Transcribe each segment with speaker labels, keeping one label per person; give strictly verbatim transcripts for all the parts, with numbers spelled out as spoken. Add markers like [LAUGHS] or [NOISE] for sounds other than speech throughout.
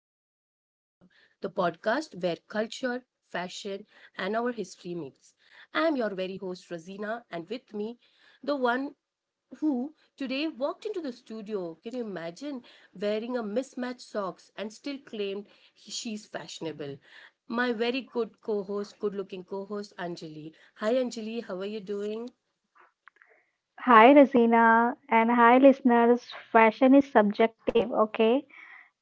Speaker 1: podcast where culture, fashion, and our history meets. I am your very host, Razina, and with me, the one who today walked into the studio. Can you imagine wearing a mismatched socks and still claimed he- she's fashionable? My very good co host, good looking co host, Anjali. Hi, Anjali, how are you doing?
Speaker 2: Hi, Razina, and hi, listeners. Fashion is subjective, okay,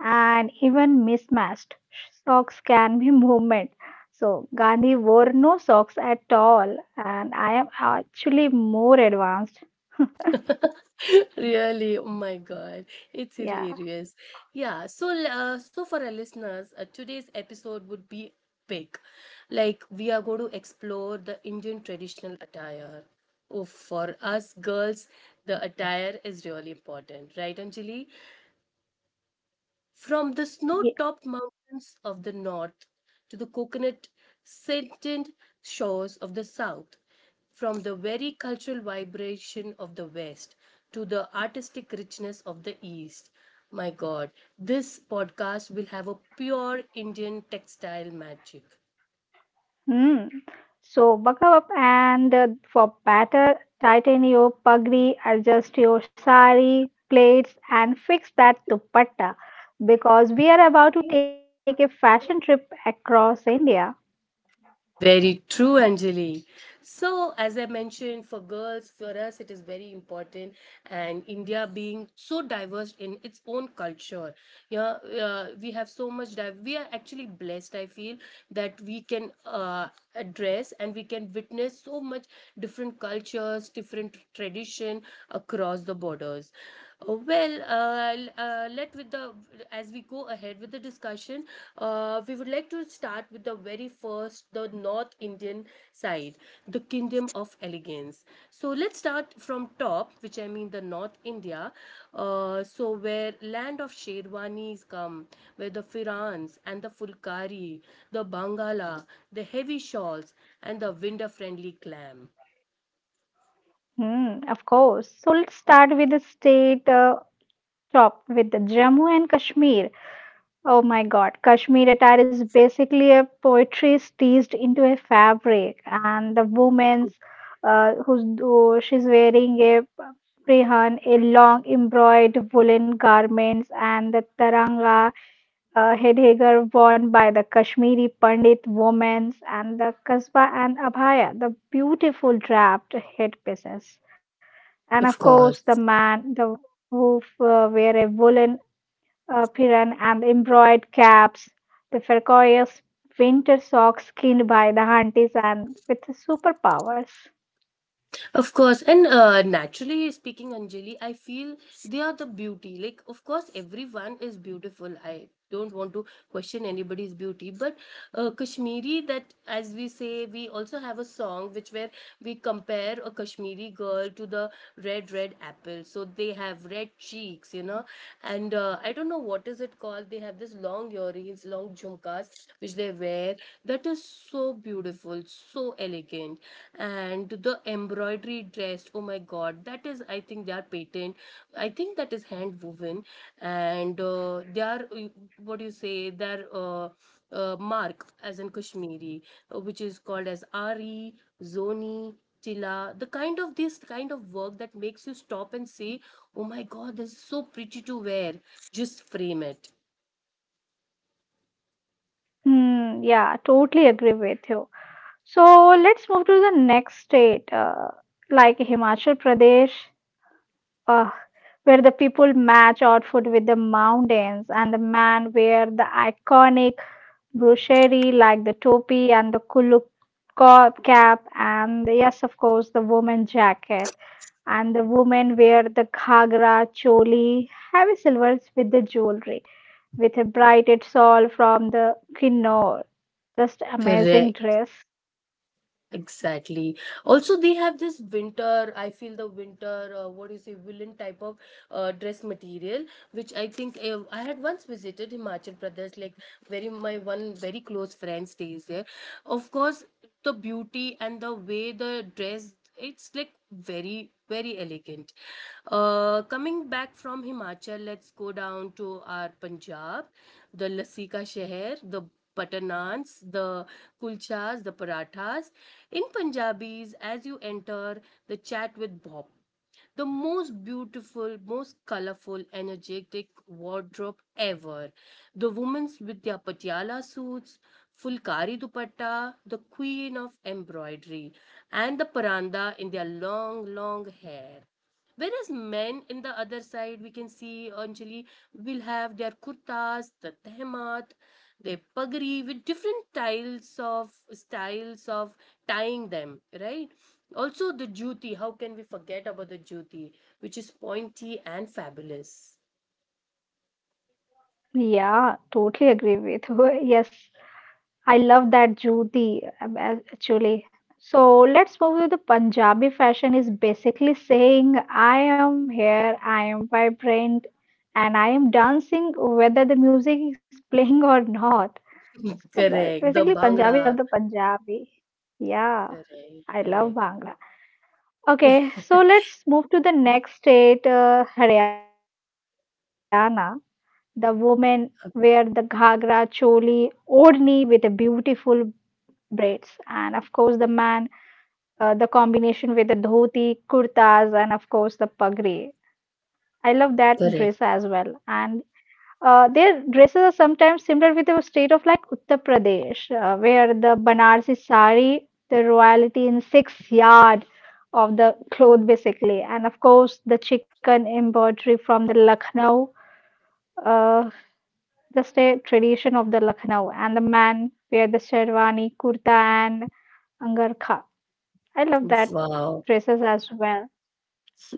Speaker 2: and even mismatched socks can be [LAUGHS] movement. So, Gandhi wore no socks at all, and I am actually more advanced.
Speaker 1: [LAUGHS] Really, oh my God, it's
Speaker 2: Yeah.
Speaker 1: hilarious. Yeah, so uh, so for our listeners, uh, today's episode would be big. Like we are going to explore the Indian traditional attire. Oh, for us girls, the attire is really important, right, Anjali? From the snow
Speaker 2: Ye-
Speaker 1: topped mountains of the north to the coconut scented shores of the south, from the very cultural vibration of the west to the artistic richness of the east. My god, this podcast will have a pure Indian textile magic.
Speaker 2: Hmm. So, buckle up and uh, for better, tighten your pagri, adjust your sari, plaits, and fix that dupatta because we are about to take a fashion trip across India.
Speaker 1: Very true, Anjali. So, as I mentioned, for girls, for us, it is very important. And India being so diverse in its own culture, yeah, uh, we have so much. Div- we are actually blessed. I feel that we can uh, address and we can witness so much different cultures, different tradition across the borders. Uh, Well, uh, l- uh, let with the As we go ahead with the discussion, uh, we would like to start with the very first, the North Indian side, the Kingdom of Elegance. So let's start from top, which I mean the North India, uh, so where land of Sherwanis come, where the firans and the fulkari, the bangala, the heavy shawls, and the winter-friendly clam.
Speaker 2: Hmm, of course. So let's start with the state uh, top with the Jammu and Kashmir. Oh my God, Kashmir attire is basically a poetry stitched into a fabric, and the woman's uh, who's who- she's wearing a prehan, a long embroidered woolen garments, and the taranga uh, headgear worn by the Kashmiri Pandit women, and the kasba and abhaya, the beautiful draped headpieces. And of
Speaker 1: Of
Speaker 2: course,
Speaker 1: course.
Speaker 2: the man, the who uh, wear a woolen uh, apron and embroidered caps, the ferocious winter socks skinned by the aunties, and with superpowers.
Speaker 1: Of course, and uh, naturally speaking, Anjali, I feel they are the beauty. Like, of course, everyone is beautiful. I don't want to question anybody's beauty, but uh, Kashmiri, that as we say, we also have a song which where we compare a Kashmiri girl to the red, red apple. So they have red cheeks, you know, and uh, I don't know what is it called. They have this long earrings, long jhumkas which they wear. That is so beautiful, so elegant, and the embroidery dress. Oh my God, that is, I think they are patent. I think that is hand woven, and uh, they are uh, what do you say? They are uh, uh, mark as in Kashmiri, uh, which is called as Ari, Zoni. Tila, the kind of this kind of work that makes you stop and say, oh my god, this is so pretty to wear. Just frame it.
Speaker 2: Hmm, yeah, totally agree with you. So let's move to the next state, uh, like Himachal Pradesh, uh, where the people match outfit with the mountains and the man wear the iconic Broccherie like the topi and the kuluk co- cap, and yes, of course, the woman jacket, and the women wear the ghagra choli, heavy silvers with the jewelry, with a braided shawl from the kinnor. Just amazing
Speaker 1: Correct.
Speaker 2: dress.
Speaker 1: Exactly. Also, they have this winter, I feel the winter, uh, what do you say, woolen type of uh, dress material, which I think uh, I had once visited Himachal Pradesh, like very my one very close friend stays there. Of course, the beauty and the way the dress it's like very very elegant. Uh coming back from Himachal, let's go down to our Punjab, the lassi ka sheher, the butter naans, the kulchas, the parathas. In Punjabis, as you enter, the chat with bob, the most beautiful, most colorful, energetic wardrobe ever. The women with their patiala suits, fulkari dupatta, the queen of embroidery, and the paranda in their long, long hair. Whereas men in the other side, we can see Anjali will have their kurtas, the tehmat, their pagri with different styles of styles of tying them, right? Also the juti, how can we forget about the juti, which is pointy and fabulous.
Speaker 2: Yeah, totally agree with you. [LAUGHS] Yes, I love that Jyoti. Um, a- actually. So let's move to the Punjabi fashion is basically saying I am here, I am vibrant, and I am dancing whether the music is playing or not. So ba-
Speaker 1: Correct.
Speaker 2: basically
Speaker 1: The
Speaker 2: Punjabis are the
Speaker 1: bhangra.
Speaker 2: Punjabi. Yeah,
Speaker 1: Correct.
Speaker 2: I love
Speaker 1: Correct.
Speaker 2: Bhangra. Okay, so let's move to the next state, uh, Haryana. The women wear the ghagra,
Speaker 1: [LAUGHS]
Speaker 2: choli, odni with a beautiful braids. And of course, the man, uh, the combination with the dhoti, kurtas, and of course, the pagri. I love that dress as
Speaker 1: Correct.
Speaker 2: well. And uh, their dresses are sometimes similar with the state of like Uttar Pradesh, uh, where the Banarsi sari, the royalty in six yard of the cloth basically, and of course the chicken embroidery from the Lucknow, uh, just a tradition of the Lucknow, and the man wear the sherwani, kurta, and angarkha. I love that
Speaker 1: Wow.
Speaker 2: dresses as well.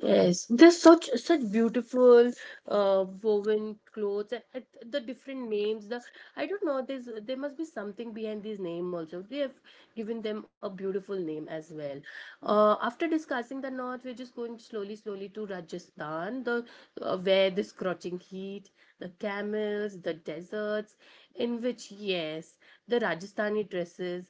Speaker 1: Yes, there's such such beautiful uh, woven clothes and and the different names. The I don't know. There's there must be something behind these name also. They have given them a beautiful name as well. Uh, after discussing the north, we're just going slowly, slowly to Rajasthan, the uh, where the scorching heat, the camels, the deserts, in which yes, the Rajasthani dresses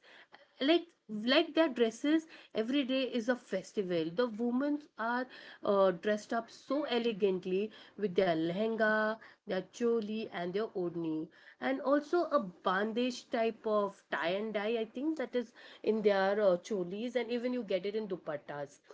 Speaker 1: like like their dresses every day is a festival. The women are uh, dressed up so elegantly with their lehenga, their choli and their odni, and also a bandage type of tie and dye. I think that is in their uh, cholis, and even you get it in dupattas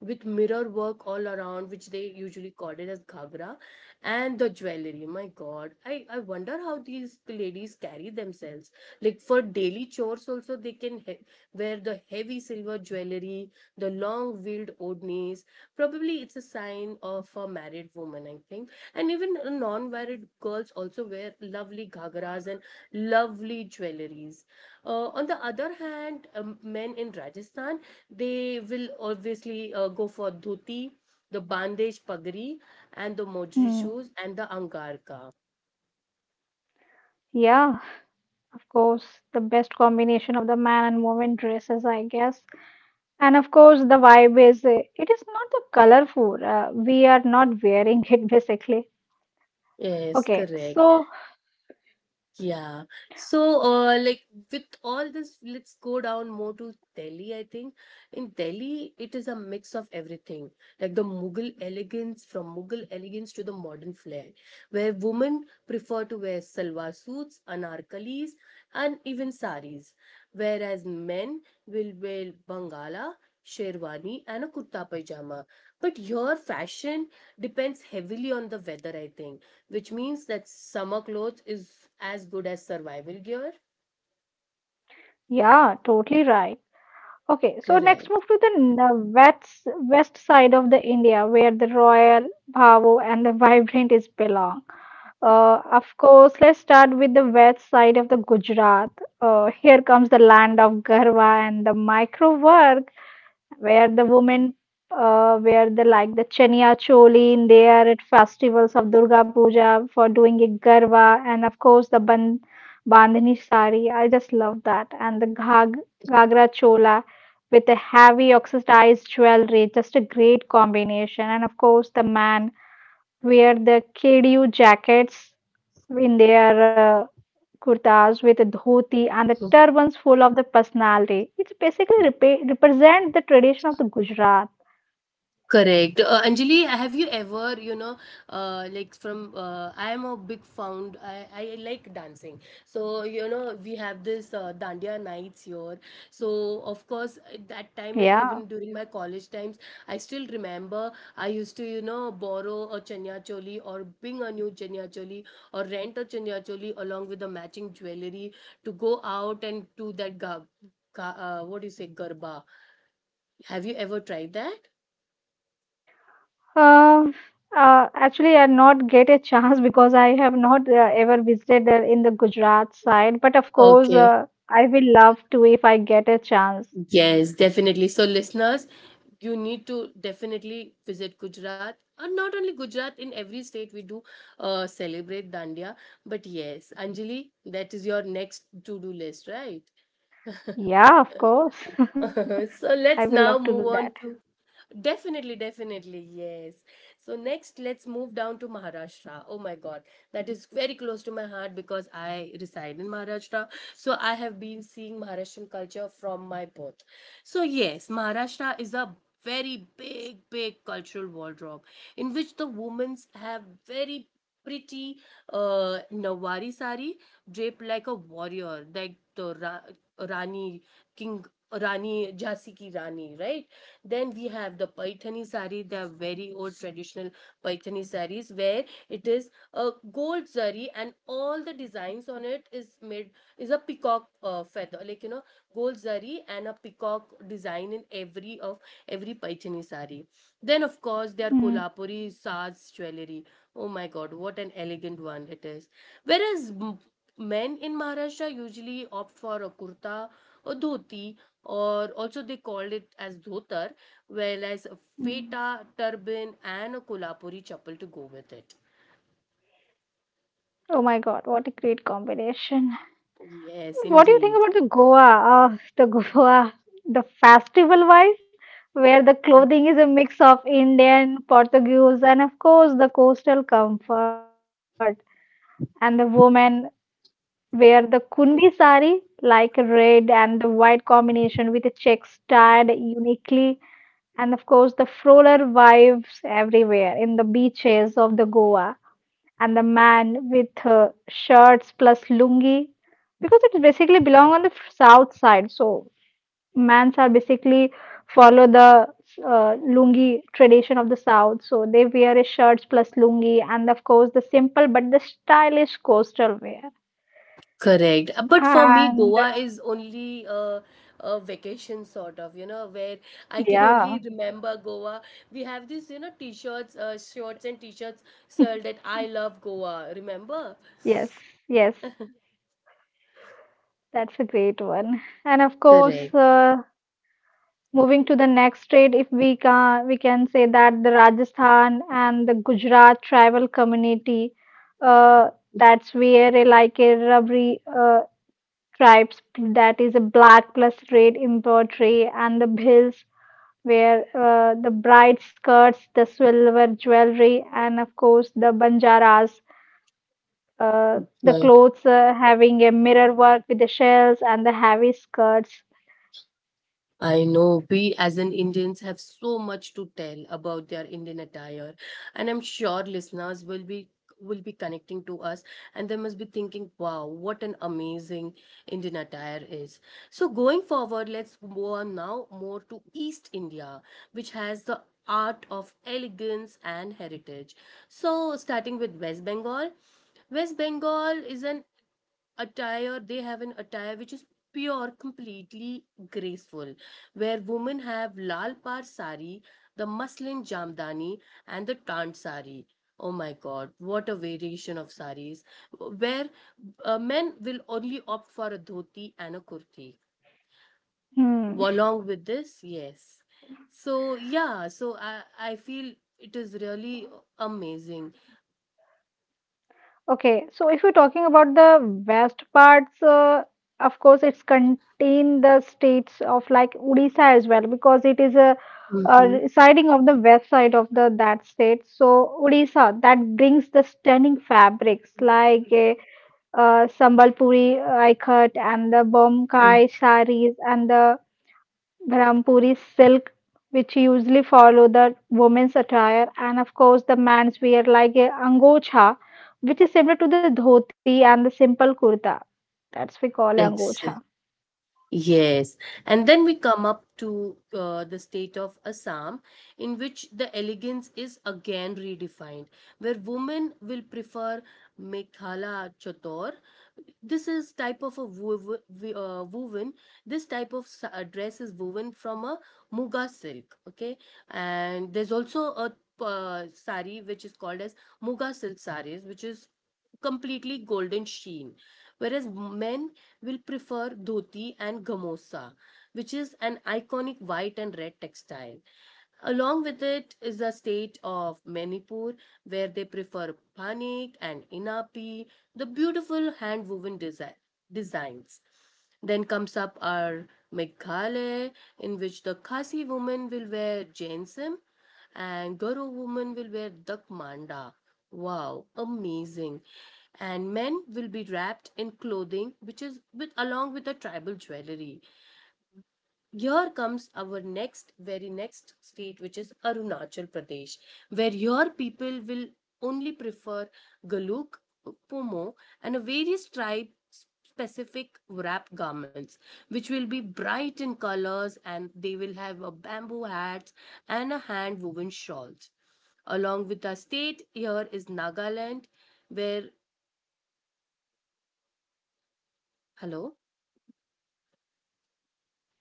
Speaker 1: with mirror work all around, which they usually call it as ghagra, and the jewelry. My God, I, I wonder how these ladies carry themselves. Like for daily chores, also they can he- wear the heavy silver jewelry, the long veiled odnis. Probably it's a sign of a married women, I think. And even non-married girls also wear lovely ghagras and lovely jewelries. Uh, on the other hand, um, men in Rajasthan, they will obviously uh, go for dhoti, the bandesh pagri, and the mojri
Speaker 2: Hmm.
Speaker 1: shoes and the angarka.
Speaker 2: Yeah, of course, the best combination of the man and woman dresses, I guess. And of course, the vibe is uh, it is not the colorful. Uh, we are not wearing [LAUGHS] it basically.
Speaker 1: Yes,
Speaker 2: Okay,
Speaker 1: correct.
Speaker 2: so
Speaker 1: Yeah. So, uh, like with all this, let's go down more to Delhi, I think. In Delhi, it is a mix of everything, like the Mughal elegance, from Mughal elegance to the modern flair, where women prefer to wear salwar suits, anarkalis, and even saris, whereas men will wear bangala, sherwani, and a kurta pajama. But your fashion depends heavily on the weather, I think, which means that summer clothes is as good as survival gear.
Speaker 2: yeah, totally right. Okay, so next
Speaker 1: Correct.
Speaker 2: move to the n- uh, west west side of the India, where the royal bhavo and the vibrant is belong. Uh, of course, let's start with the west side of the Gujarat. Uh, here comes the land of Garhwa and the micro work, where the women uh, wear the like the chania choli in there at festivals of Durga Puja for doing a Garhwa, and of course the ban bandhani sari. I just love that, and the ghag ghagra chola with the heavy oxidized jewelry, just a great combination, and of course the man wear the K D U jackets in their uh, kurtas with a dhoti and the
Speaker 1: [LAUGHS]
Speaker 2: turbans full of the personality. It's basically repa represent the tradition of the Gujarat.
Speaker 1: Correct. Uh, Anjali, have you ever, you know, uh, like from, uh, I am a big found, I, I like dancing. So, you know, we have this uh, Dandiya nights here. So, of course, at that time, and
Speaker 2: Yeah.
Speaker 1: even during my college times, I still remember I used to, you know, borrow a chanya choli or bring a new chanya choli or rent a chanya choli along with the matching jewelry to go out and do that, ga, ga, uh, what do you say, garba. Have you ever tried that?
Speaker 2: Uh, uh, actually, I not get a chance [LAUGHS] because I have not uh, ever visited uh, in the Gujarat side. But of course,
Speaker 1: Okay.
Speaker 2: uh, I will love to if I get a chance.
Speaker 1: Yes, definitely. So, listeners, you need to definitely visit Gujarat. And not only Gujarat, in every state we do uh, celebrate Dandiya. But yes, Anjali, that is your next to do list, right? [LAUGHS]
Speaker 2: Yeah, of course,
Speaker 1: So,
Speaker 2: [LAUGHS] I will
Speaker 1: let's
Speaker 2: love to
Speaker 1: now
Speaker 2: do
Speaker 1: move
Speaker 2: that.
Speaker 1: on to definitely, definitely, yes. So next, let's move down to Maharashtra. Oh my God, that is very close to my heart because I reside in Maharashtra. So I have been seeing Maharashtrian culture from my birth. So yes, Maharashtra is a very big, big cultural wardrobe, in which the women have very pretty uh, Nawari sari draped like a warrior, like the Ra- Rani King Rani Jhansi ki Rani, right? Then we have the Paithani sari, the very old traditional Paithani saris, where it is a gold zari and all the designs on it is made is a peacock uh, feather, like you know, gold zari and a peacock design in every of every Paichani sari. Then of course there are
Speaker 2: Mm,
Speaker 1: kolhapuri saz jewelry. Oh my god, what an elegant one it is. Whereas m- men in Maharashtra usually opt for a kurta or dhoti, or also they called it as dhotar, whereas a
Speaker 2: mm.
Speaker 1: feta turban and a kolhapuri chappal to go with it.
Speaker 2: Oh my God, what a great combination!
Speaker 1: Yes
Speaker 2: What do you think
Speaker 1: indeed.
Speaker 2: about the Goa? Uh, the Goa, the festival wise, where the clothing is a mix of Indian, Portuguese, and of course the coastal comfort. And the women wear the kundi sari, like red and the white combination with the checks tied uniquely. And of course, the froller vibes everywhere in the beaches of the Goa, and the man with uh, shirts plus lungi, because it basically belong on the f- south side, so mans are basically follow the uh, lungi tradition of the south, so they wear a shirts plus lungi, and of course the simple but the stylish coastal wear.
Speaker 1: Correct. Uh, But for me,
Speaker 2: And
Speaker 1: Goa is only a, a vacation sort of, you know, where I can
Speaker 2: yeah,
Speaker 1: only remember Goa. We have these, you know, t-shirts, uh, shorts and t-shirts sold that I love Goa. Remember?
Speaker 2: yes, yes, that's a great one. And of course
Speaker 1: Correct.
Speaker 2: uh, moving to the next state, if we can, we can say that the Rajasthan and the Gujarat tribal community, uh, that's where uh, like a Rabri uh, tribes, that is a black plus red embroidery, and the bills where uh, the bright skirts, the silver jewelry, and of course the banjaras, uh,
Speaker 1: That's
Speaker 2: the
Speaker 1: why.
Speaker 2: clothes uh, having a mirror work with the shells and the heavy skirts.
Speaker 1: I know we as an Indians have so much to tell about their Indian attire, and I'm sure listeners will be will be connecting to us, and they must be thinking wow what an amazing Indian attire is. So going forward, let's move on now more to East India, which has the art of elegance and heritage. So starting with West Bengal. West Bengal is an attire, they have an attire which is pure completely graceful, where women have lal par sari, the muslin jamdani, and the tant sari. Oh my god, what a variation of saris, where uh, men will only opt for a dhoti and a kurti
Speaker 2: Hmm.
Speaker 1: along with this. Yes, so yeah, so i i feel it is really amazing.
Speaker 2: Okay, so if you're talking about the west parts, uh, of course, it's contain the states of like Odisha as well because it is a,
Speaker 1: Mm-hmm.
Speaker 2: uh, siding of the west side of the that state. So Odisha that brings the stunning fabrics like uh, uh, Sambalpuri uh, ikat and the Bomkai saris and the Brampuri silk, which usually follow the women's attire, and of course the man's wear like a angocha, which is similar to the dhoti and the simple kurta. That's we call
Speaker 1: Yes.
Speaker 2: angocha.
Speaker 1: Yes, and then we come up to uh, the state of Assam, in which the elegance is again redefined, where women will prefer Mekhala Chator. This is type of a wov- w- uh, woven. This type of s- uh, dress is woven from a muga silk. Okay, and there's also a uh, sari which is called as muga silk saris, which is completely golden sheen, whereas men will prefer dhoti and gamosa, which is an iconic white and red textile. Along with it is the state of Manipur, where they prefer panik and inapi, the beautiful hand woven designs. Then comes up our Meghalaya, in which the Khasi women will wear Jainism and Garo women will wear Dakmanda. Wow, amazing. And men will be wrapped in clothing which is with along with the tribal jewelry. Here comes our next, very next state, which is Arunachal Pradesh, where your people will only prefer galuk, pomo, and a various tribe specific wrap garments, which will be bright in colors and they will have a bamboo hats and a hand woven shawls. Along with our state, here is Nagaland, where hello.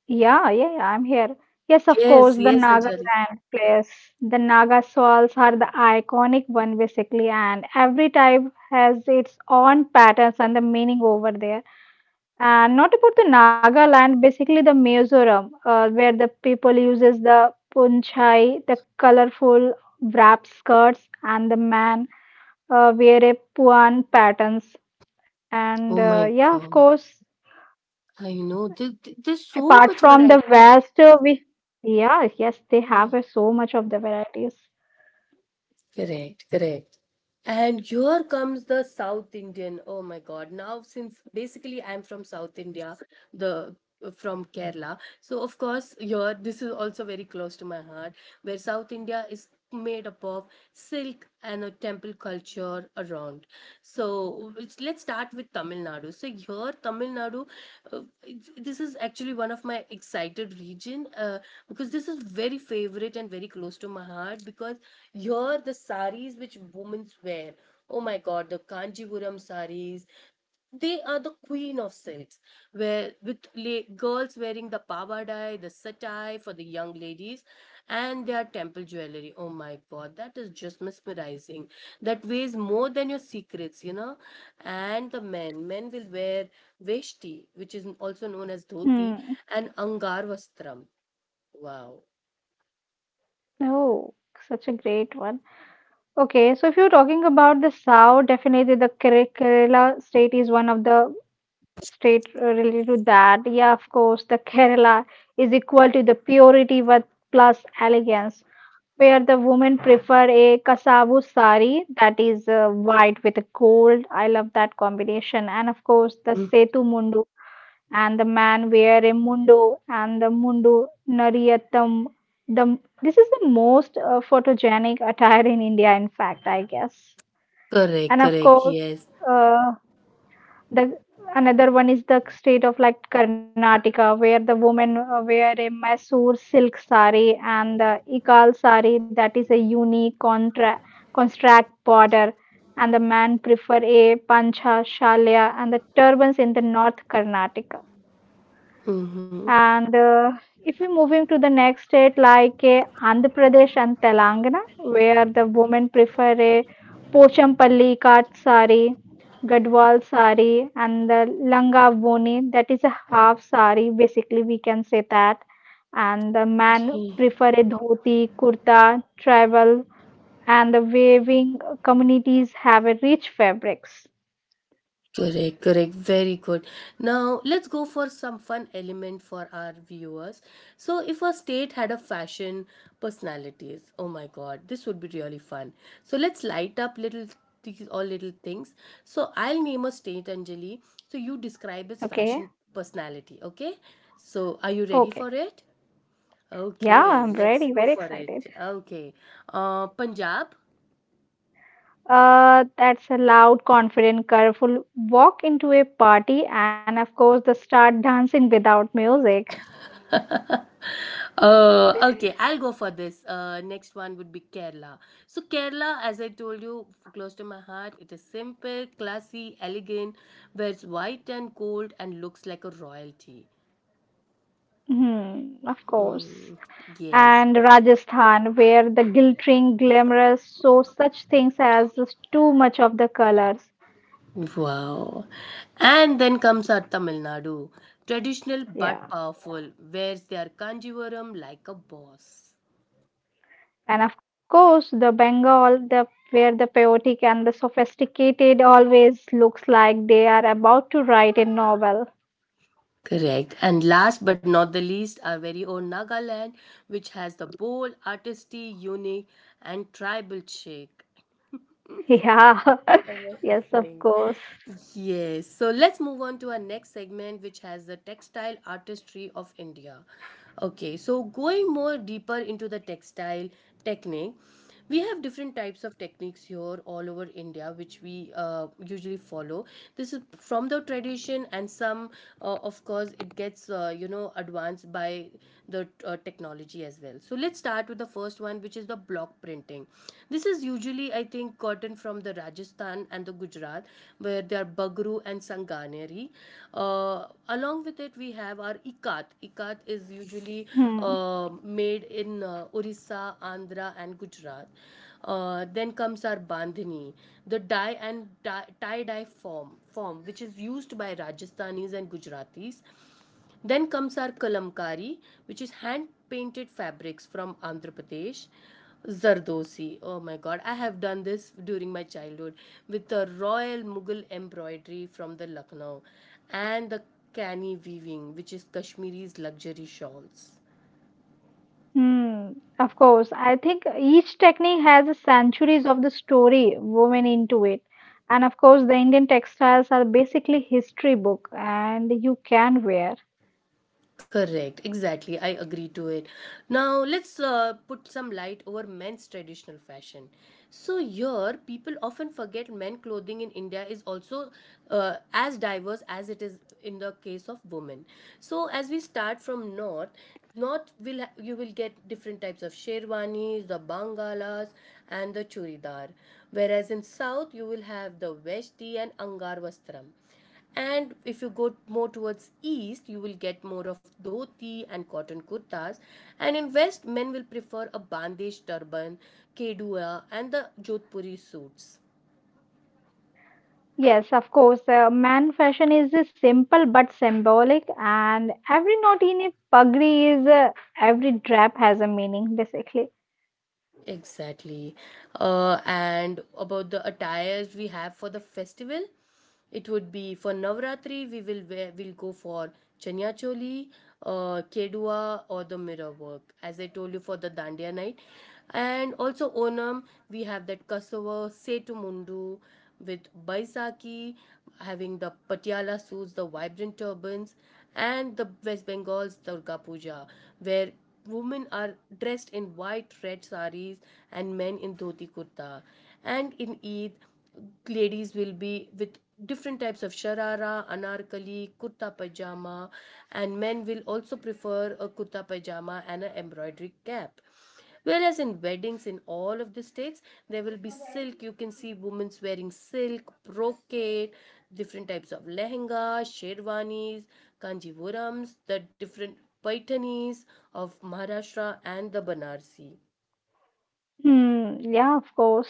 Speaker 2: Yeah, yeah, yeah, I'm here. Yes, of
Speaker 1: Yes,
Speaker 2: course, the
Speaker 1: yes, Anjali.
Speaker 2: Nagaland place. The Naga shawls are the iconic one basically, and every type has its own patterns and the meaning over there. And not about the Nagaland, basically the Mizoram, uh, where the people uses the punchai, the colorful wrap skirts, and the man uh, wear a puan patterns. And
Speaker 1: Oh
Speaker 2: uh,
Speaker 1: my
Speaker 2: yeah, of
Speaker 1: God.
Speaker 2: course,
Speaker 1: I know. Th- th- there's so
Speaker 2: apart
Speaker 1: much
Speaker 2: from the
Speaker 1: varieties.
Speaker 2: West,
Speaker 1: Yes.
Speaker 2: uh, we yeah, yes, they
Speaker 1: Yeah.
Speaker 2: have uh, so much of the varieties.
Speaker 1: Correct, correct. And here comes the South Indian. Oh my God. Now, since basically I'm from South India, the from Kerala. So of course, here this is also very close to my heart, where South India is made up of silk and a temple culture around. So it's- let's start with Tamil Nadu. So here, Tamil Nadu, uh, it's- this is actually one of my excited region uh, because this is very favorite and very close to my heart because here the saris which women wear, oh my god, the Kanjipuram saris, they are the queen of silks, where with la- girls wearing the pavadai, the satai for the young ladies, and their temple jewelry, oh my god, that is just mesmerizing, that weighs more than your secrets, you know. And the men men will wear veshti, which is also known as dhoti,
Speaker 2: Hmm.
Speaker 1: and angar vastram. Wow.
Speaker 2: Oh, such a great one. Okay, so if you're talking about the South, definitely the Kere- Kerala state is one of the State uh, related to that. Yeah, of course, the Kerala is equal to the purity with plus elegance, where the women prefer a kasavu sari that is uh, white with gold. I love that combination. And of course, the
Speaker 1: Mm,
Speaker 2: setu mundu, and the man wear a mundu and the mundu nariyatham. The this is the most uh, photogenic attire in India, in fact, I guess.
Speaker 1: correct,
Speaker 2: And of
Speaker 1: correct,
Speaker 2: course.
Speaker 1: yes.
Speaker 2: Uh, the another one is the state of like Karnataka, where the women uh, wear a Mysore silk sari and the Ikal sari that is a unique contra- contract border, and the man prefer a pancha shalia and the turbans in the North Karnataka.
Speaker 1: Mm-hmm.
Speaker 2: And uh, if we moving to the next state like uh, Andhra Pradesh and Telangana, where the women prefer a Pochampalli cut sari, Gadwal sari, and the Langa Voni, that is a half sari, basically we can say that. And the man
Speaker 1: Okay.
Speaker 2: prefer a dhoti, kurta, tribal, and the waving communities have a rich fabrics.
Speaker 1: Correct, correct. Very good. Now, let's go for some fun element for our viewers. So, if a state had a fashion personalities, oh my god, this would be really fun. So, let's light up little these all little things. So, I'll name a state, Anjali. So, you describe its fashion
Speaker 2: Okay,
Speaker 1: personality, okay? So, are you ready for
Speaker 2: okay,
Speaker 1: it?
Speaker 2: yeah,
Speaker 1: Okay,
Speaker 2: I'm
Speaker 1: let's
Speaker 2: ready,
Speaker 1: go
Speaker 2: very
Speaker 1: for
Speaker 2: excited.
Speaker 1: it. Okay. Uh, Punjab.
Speaker 2: Uh, that's a loud, confident, colorful walk into a party, and of course, they start dancing without music.
Speaker 1: Uh, okay, I'll go for this. Uh, next one would be Kerala. So Kerala, as I told you, f- close to my heart. It is simple, classy, elegant, wears white and gold, and looks like a royalty.
Speaker 2: Hmm, of course.
Speaker 1: Mm, yes.
Speaker 2: And Rajasthan, where the glittering, glamorous, so such things as is too much of the colors.
Speaker 1: Wow. And then comes our Tamil Nadu, traditional but
Speaker 2: Yeah.
Speaker 1: powerful, wears their kanjivaram like a boss.
Speaker 2: And of course, the Bengal, the where the chaotic and the sophisticated always looks like they are about to write a novel.
Speaker 1: Correct. And last but not the least, our very own Nagaland, which has the bold, artisty, unique, and tribal shake.
Speaker 2: [LAUGHS] Yeah. Yes, of
Speaker 1: Amazing.
Speaker 2: course.
Speaker 1: Yes, so let's move on to our next segment, which has the textile artistry of India. Okay, so going more deeper into the textile technique, we have different types of techniques here all over India, which we uh, usually follow. This is from the tradition, and some, uh, of course, it gets uh, you know advanced by the uh, technology as well. So let's start with the first one, which is which is the block printing. This is usually, I think, cotton from the Rajasthan and the Gujarat, where they are bagru and sanganeri. Uh, along with it, we have our ikat. Ikat is usually
Speaker 2: Hmm.
Speaker 1: uh, made in uh, Orissa, Andhra, and Gujarat. Uh, then comes our bandhani, the dye and dye, tie dye form form which is used by Rajasthanis and Gujaratis. Then comes our kalamkari, which is hand painted fabrics from Andhra Pradesh. Zardosi. Oh my god, I have done this during my childhood with the royal Mughal embroidery from the Lucknow and the canny weaving, which is Kashmiri's luxury shawls.
Speaker 2: Hmm, of course. I think each technique has centuries of the story woven into it. And of course, the Indian textiles are basically history book and you can wear.
Speaker 1: Correct, exactly. I agree to it. Now, let's uh, put some light over men's traditional fashion. So, here, people often forget men clothing in India is also uh, as diverse as it is in the case of women. So, as we start from north, north will ha- you will get different types of sherwanis, the bangalas, and the churidar, whereas in south you will have the veshti and angar vastram. And if you go more towards east you will get more of dhoti and cotton kurtas, and in west men will prefer a bandesh turban, kedua, and the jodhpuri suits.
Speaker 2: Yes, of course, uh, man fashion is uh, simple but symbolic, and every knot in a pagri is, uh, every drap has a meaning basically.
Speaker 1: Exactly. Uh, and about the attires we have for the festival, it would be for Navratri, we will wear, we'll go for Chanya Choli, uh, Kedua, or the mirror work, as I told you for the Dandiya night. And also Onam, we have that Kasava, Setu Mundu, with Baisakhi having the Patiala suits, the vibrant turbans, and the West Bengal's Durga Puja, where women are dressed in white red saris and men in dhoti kurta. And in Eid, ladies will be with different types of sharara, anarkali, kurta pajama, and men will also prefer a kurta pajama and an embroidery cap. Whereas in weddings in all of the states, there will be silk. You can see women wearing silk, brocade, different types of lehenga, sherwanis, kanjivorams, the different paitanis of Maharashtra and the Banarsi.
Speaker 2: Hmm, yeah, of course.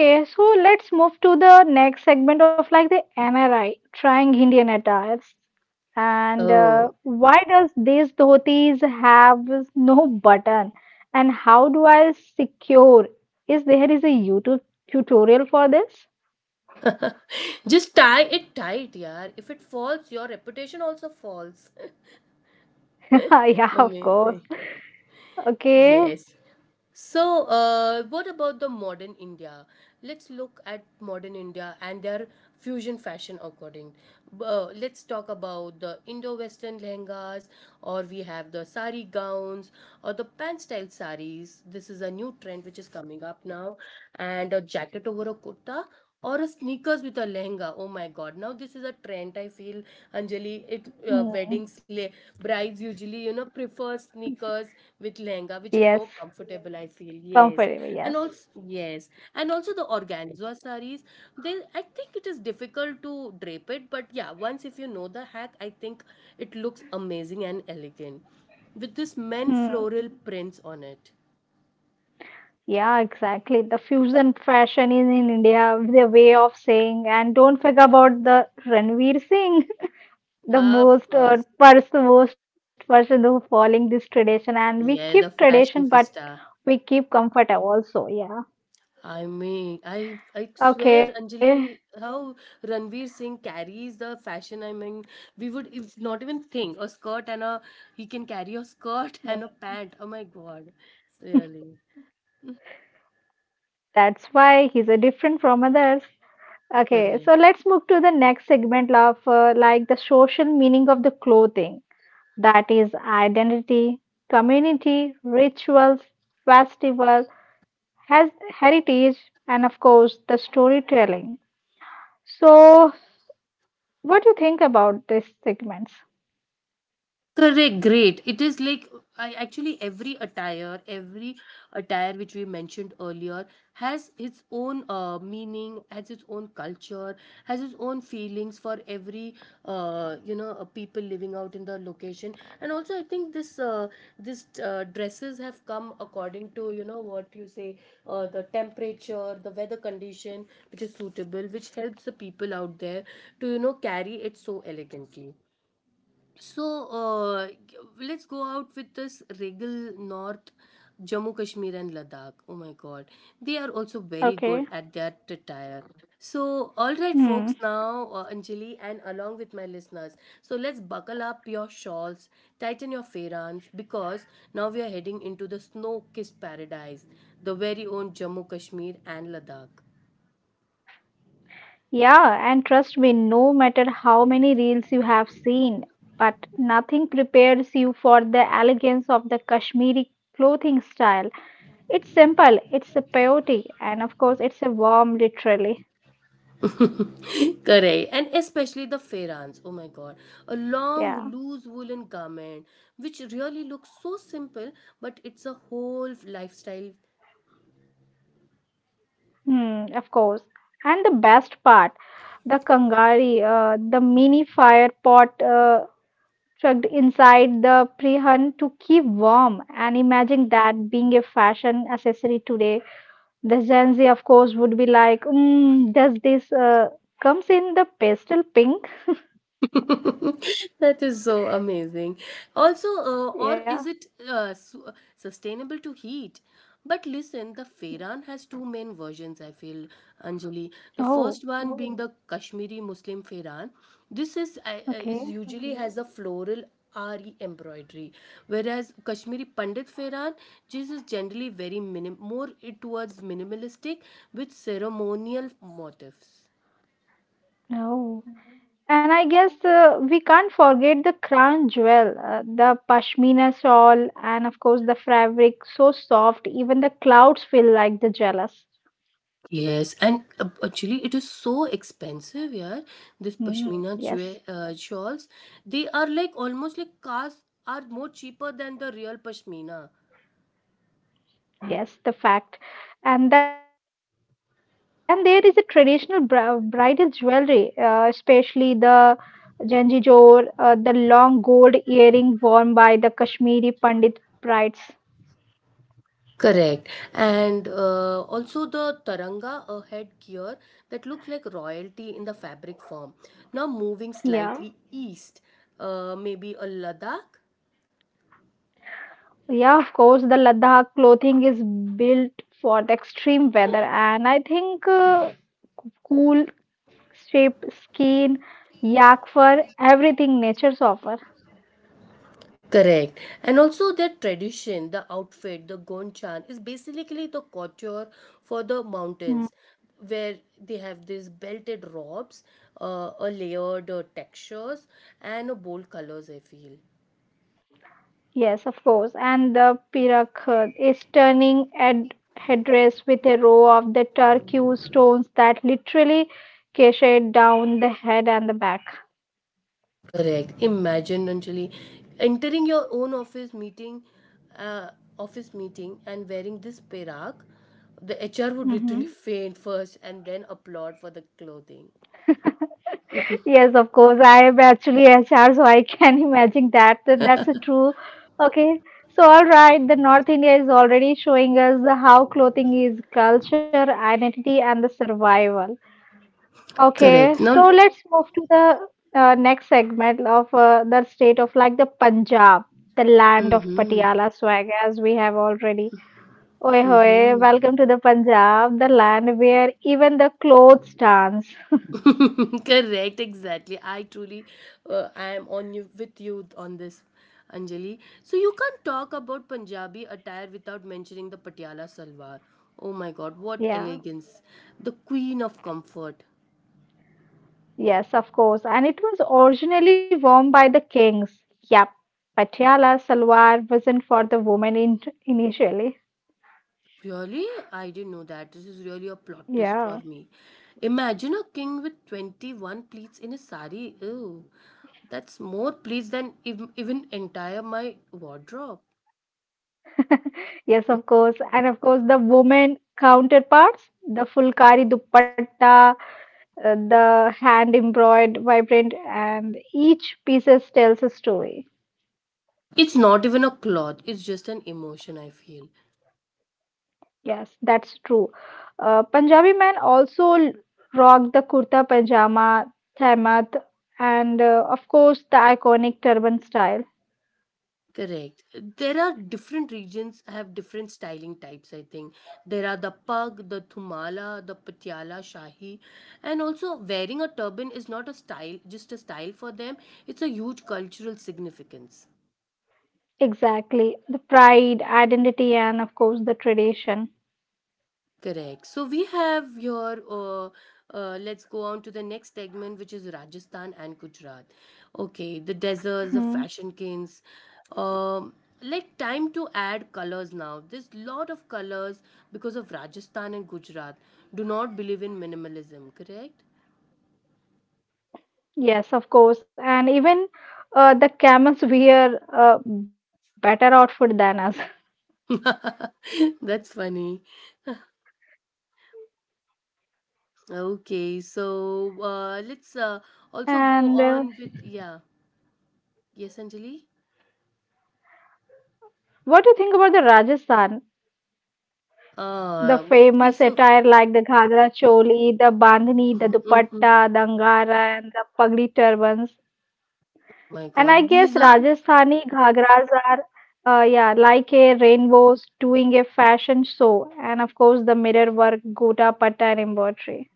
Speaker 1: Right.
Speaker 2: so let's move to the next segment of like the N R I, trying Indian attires. And uh,
Speaker 1: Oh.
Speaker 2: why does these dhotis have no button? And how do I secure? Is there is a YouTube tutorial for this?
Speaker 1: Just tie it tight, yaar. If it falls, your reputation also falls.
Speaker 2: [LAUGHS] Yeah,
Speaker 1: [LAUGHS]
Speaker 2: of course.
Speaker 1: Amazing.
Speaker 2: Okay.
Speaker 1: Yes. So, uh, what about the modern India? Let's look at modern India and their fusion fashion according. Uh, let's talk about the Indo-Western lehengas, or we have the sari gowns, or the pan-style saris. This is a new trend which is coming up now, and a jacket over a kurta or a sneakers with a lehenga. Oh my god! Now this is a trend. I feel, Anjali. It uh,
Speaker 2: Hmm.
Speaker 1: weddings le- brides usually you know prefer sneakers with lehenga, which is
Speaker 2: Yes,
Speaker 1: more comfortable. I feel yes,
Speaker 2: comfortable. Yes.
Speaker 1: and also yes, and also the organza saris. They I think it is difficult to drape it, but yeah, once if you know the hack, I think it looks amazing and elegant with this men
Speaker 2: Hmm.
Speaker 1: floral prints on it.
Speaker 2: Yeah, exactly. The fusion fashion is in India, the way of saying, and don't forget about the Ranveer Singh. The
Speaker 1: Of
Speaker 2: most uh,
Speaker 1: course,
Speaker 2: person most person who following this tradition, and we keep
Speaker 1: yeah, the
Speaker 2: tradition,
Speaker 1: fashion
Speaker 2: but
Speaker 1: fiesta.
Speaker 2: we keep comfort also. Yeah,
Speaker 1: I mean, I I swear,
Speaker 2: okay.
Speaker 1: Anjali, how Ranveer Singh carries the fashion. I mean, we would if not even think a skirt and a he can carry a skirt [LAUGHS] and a pant. Oh my God, really
Speaker 2: That's why he's a different from others. Okay, so
Speaker 1: correct.
Speaker 2: let's move to the next segment of uh, like the social meaning of the clothing, that is identity, community, rituals, festival, has heritage, and of course the storytelling. So what do you think about these segments?
Speaker 1: Correct, great. It is like I actually every attire, every attire which we mentioned earlier has its own uh, meaning, has its own culture, has its own feelings for every uh, you know uh, people living out in the location. And also, I think this uh, this uh, dresses have come according to you know what you say uh, the temperature, the weather condition which is suitable, which helps the people out there to you know carry it so elegantly. So uh, let's go out with this regal north Jammu Kashmir and Ladakh. Oh my god. They are also very good
Speaker 2: Okay.
Speaker 1: at their attire. So all right folks,
Speaker 2: Hmm.
Speaker 1: now uh, Anjali and along with my listeners. So let's buckle up your shawls, tighten your fairans because now we are heading into the snow-kissed paradise, the very own Jammu Kashmir and Ladakh.
Speaker 2: Yeah, and trust me, no matter how many reels you have seen, but nothing prepares you for the elegance of the Kashmiri clothing style. It's simple, it's a beauty, and of course, it's a warm, literally.
Speaker 1: Correct. And especially the ferrans. Oh my god. A long,
Speaker 2: Yeah.
Speaker 1: loose woolen garment, which really looks so simple, but it's a whole lifestyle.
Speaker 2: Hmm, of course. And the best part, the Kangari, uh, the mini fire pot uh, tucked inside the prihan to keep warm. And imagine that being a fashion accessory today. The Gen Z, of course, would be like, mm, does this uh, comes in the pastel pink?
Speaker 1: [LAUGHS] That is so amazing. Also, uh, or
Speaker 2: Yeah.
Speaker 1: is it uh, su- sustainable to heat? But listen, the Fehran has two main versions, I feel, Anjali. The first
Speaker 2: Oh,
Speaker 1: one being the Kashmiri Muslim Fehran. This is, I uh,
Speaker 2: okay.
Speaker 1: is usually has a floral R E embroidery, whereas Kashmiri Pandit Fehran, this is generally very minim- more it towards minimalistic with ceremonial motifs.
Speaker 2: No. And I guess uh, we can't forget the crown jewel, uh, the pashmina shawl, and of course the fabric so soft, even the clouds feel like the jealous.
Speaker 1: Yes, and uh, actually, it is so expensive, yeah. This
Speaker 2: Mm,
Speaker 1: pashmina
Speaker 2: yes.
Speaker 1: jwe- uh, shawls, they are like almost like cars are more cheaper than the real pashmina.
Speaker 2: Yes, the fact. And then there is a traditional bri- bridal jewelry, uh, especially the janjijor, uh, the long gold earring worn by the Kashmiri Pandit brides.
Speaker 1: Correct, and uh, also the taranga uh, headgear that looks like royalty in the fabric form. Now moving
Speaker 2: Yeah,
Speaker 1: slightly east, uh, maybe a Ladakh.
Speaker 2: yeah, of course, the Ladakh clothing is built for the extreme weather, and I think uh, cool shape, skin, yak fur, everything nature's offer.
Speaker 1: Correct. And also their tradition, the outfit, the gonchan is basically the couture for the mountains
Speaker 2: Hmm.
Speaker 1: where they have these belted robes, uh, a layered uh, textures and a bold colors, I feel.
Speaker 2: Yes, of course. And the Pirakh is turning at headdress with a row of the turquoise stones that literally cascade down the head and the back.
Speaker 1: Correct. Imagine Anjali entering your own office meeting uh, office meeting and wearing this perak, the H R would literally
Speaker 2: Hmm.
Speaker 1: faint first and then applaud for the clothing.
Speaker 2: [LAUGHS] Yes, of course. I am actually H R, so I can [LAUGHS] imagine that. That that's a true. Okay. So, all right, the North India is already showing us how clothing is culture, identity, and the survival. Okay,
Speaker 1: Correct. Now,
Speaker 2: so let's move to the uh, next segment of uh, the state of like the Punjab, the land of
Speaker 1: mm-hmm.
Speaker 2: Patiala swag, as we have already. Oi hoy, welcome to the Punjab, the land where even the clothes dance. [LAUGHS]
Speaker 1: [LAUGHS] Correct, exactly. I truly, uh, I am on you with you on this, Anjali. So you can't talk about Punjabi attire without mentioning the Patiala salwar. Oh my God, what
Speaker 2: Yeah,
Speaker 1: elegance! The queen of comfort.
Speaker 2: yes, of course. And it was originally worn by the kings. Yep, Patiala salwar wasn't for the women in initially.
Speaker 1: Really, I didn't know that. This is really a plot twist for
Speaker 2: Yeah.
Speaker 1: me. Imagine a king with twenty-one pleats in a sari. Ew, that's more pleats than ev- even entire my wardrobe.
Speaker 2: [LAUGHS] Yes, of course. And of course, the women counterparts, the fulkari dupatta, uh, the hand embroidered, vibrant, and each pieces tells a story.
Speaker 1: It's not even a cloth. It's just an emotion, I feel.
Speaker 2: Yes, that's true. Uh, Punjabi men also l- rock the kurta pajama, thaimat, and uh, of course, the iconic turban style.
Speaker 1: Correct. There are different regions have different styling types, I think. There are the pug, the thumala, the patiala, shahi. And also wearing a turban is not a style, just a style for them. It's a huge cultural significance.
Speaker 2: Exactly. The pride, identity, and of course, the tradition.
Speaker 1: Correct. So we have your, uh, uh, let's go on to the next segment, which is Rajasthan and Gujarat. Okay, the deserts, the
Speaker 2: Mm-hmm.
Speaker 1: fashion kings. Um, like time to add colors now. There's lot of colors because of Rajasthan and Gujarat. Do not believe in minimalism, correct?
Speaker 2: Yes, of course. And even uh, the camels wear uh, better outfit than us.
Speaker 1: [LAUGHS] That's funny. Okay, so uh, let's uh, also
Speaker 2: And
Speaker 1: go
Speaker 2: uh,
Speaker 1: on with, yeah. Yes, Anjali?
Speaker 2: what do you think about the Rajasthan? The
Speaker 1: Uh, okay,
Speaker 2: famous
Speaker 1: so.
Speaker 2: attire like the ghagra choli, the bandhani, the
Speaker 1: [LAUGHS]
Speaker 2: dupatta, the angara, and the pagdi turbans.
Speaker 1: My
Speaker 2: And I
Speaker 1: God,
Speaker 2: guess
Speaker 1: these are.
Speaker 2: Rajasthani ghagras are, uh, yeah, like a rainbows doing a fashion show. And of course, the mirror work, gota patta, and embroidery.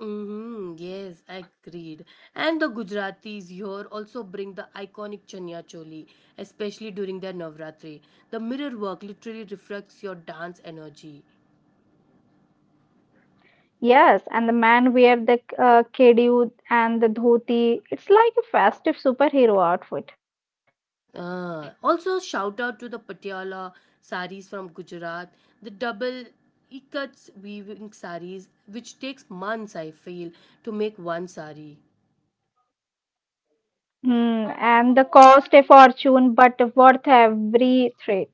Speaker 1: Hmm, yes, agreed. And the Gujaratis here also bring the iconic Chanya Choli, especially during their Navratri. The mirror work literally reflects your dance energy.
Speaker 2: Yes, and the man wear the uh, kedu and the dhoti. It's like a festive superhero outfit.
Speaker 1: Ah, also, shout out to the Patiala saris from Gujarat, the double cuts weaving saris, which takes months, I feel, to make one sari.
Speaker 2: Hmm, and the cost a fortune, but worth every threat.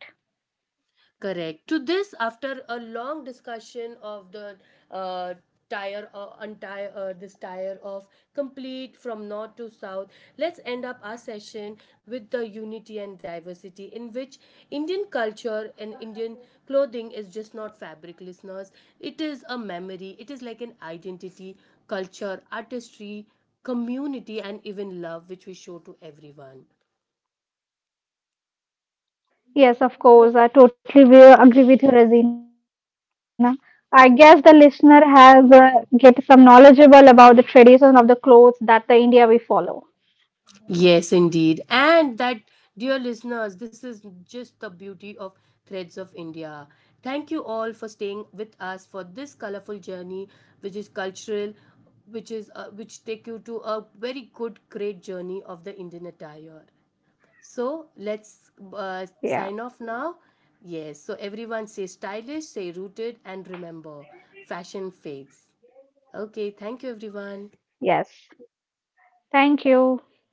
Speaker 1: Correct. To this, after a long discussion of the uh, tire or untire uh, this tire of complete from north to south, let's end up our session with the unity and diversity in which Indian culture and Indian clothing is just not fabric, listeners. It is a memory. It is like an identity, culture, artistry, community, and even love which we show to everyone.
Speaker 2: Yes, of course. I totally will agree with you, Razina. I guess the listener has uh, get some knowledgeable about the tradition of the clothes that the India we follow.
Speaker 1: Yes, indeed. And that, dear listeners, this is just the beauty of Threads of India. Thank you all for staying with us for this colorful journey, which is cultural, which is uh, which take you to a very good, great journey of the Indian attire. So let's uh,
Speaker 2: Yeah.
Speaker 1: sign off now. Yes. So everyone, stay stylish, stay rooted, and remember, fashion fades. Okay. Thank you, everyone.
Speaker 2: Yes. Thank you.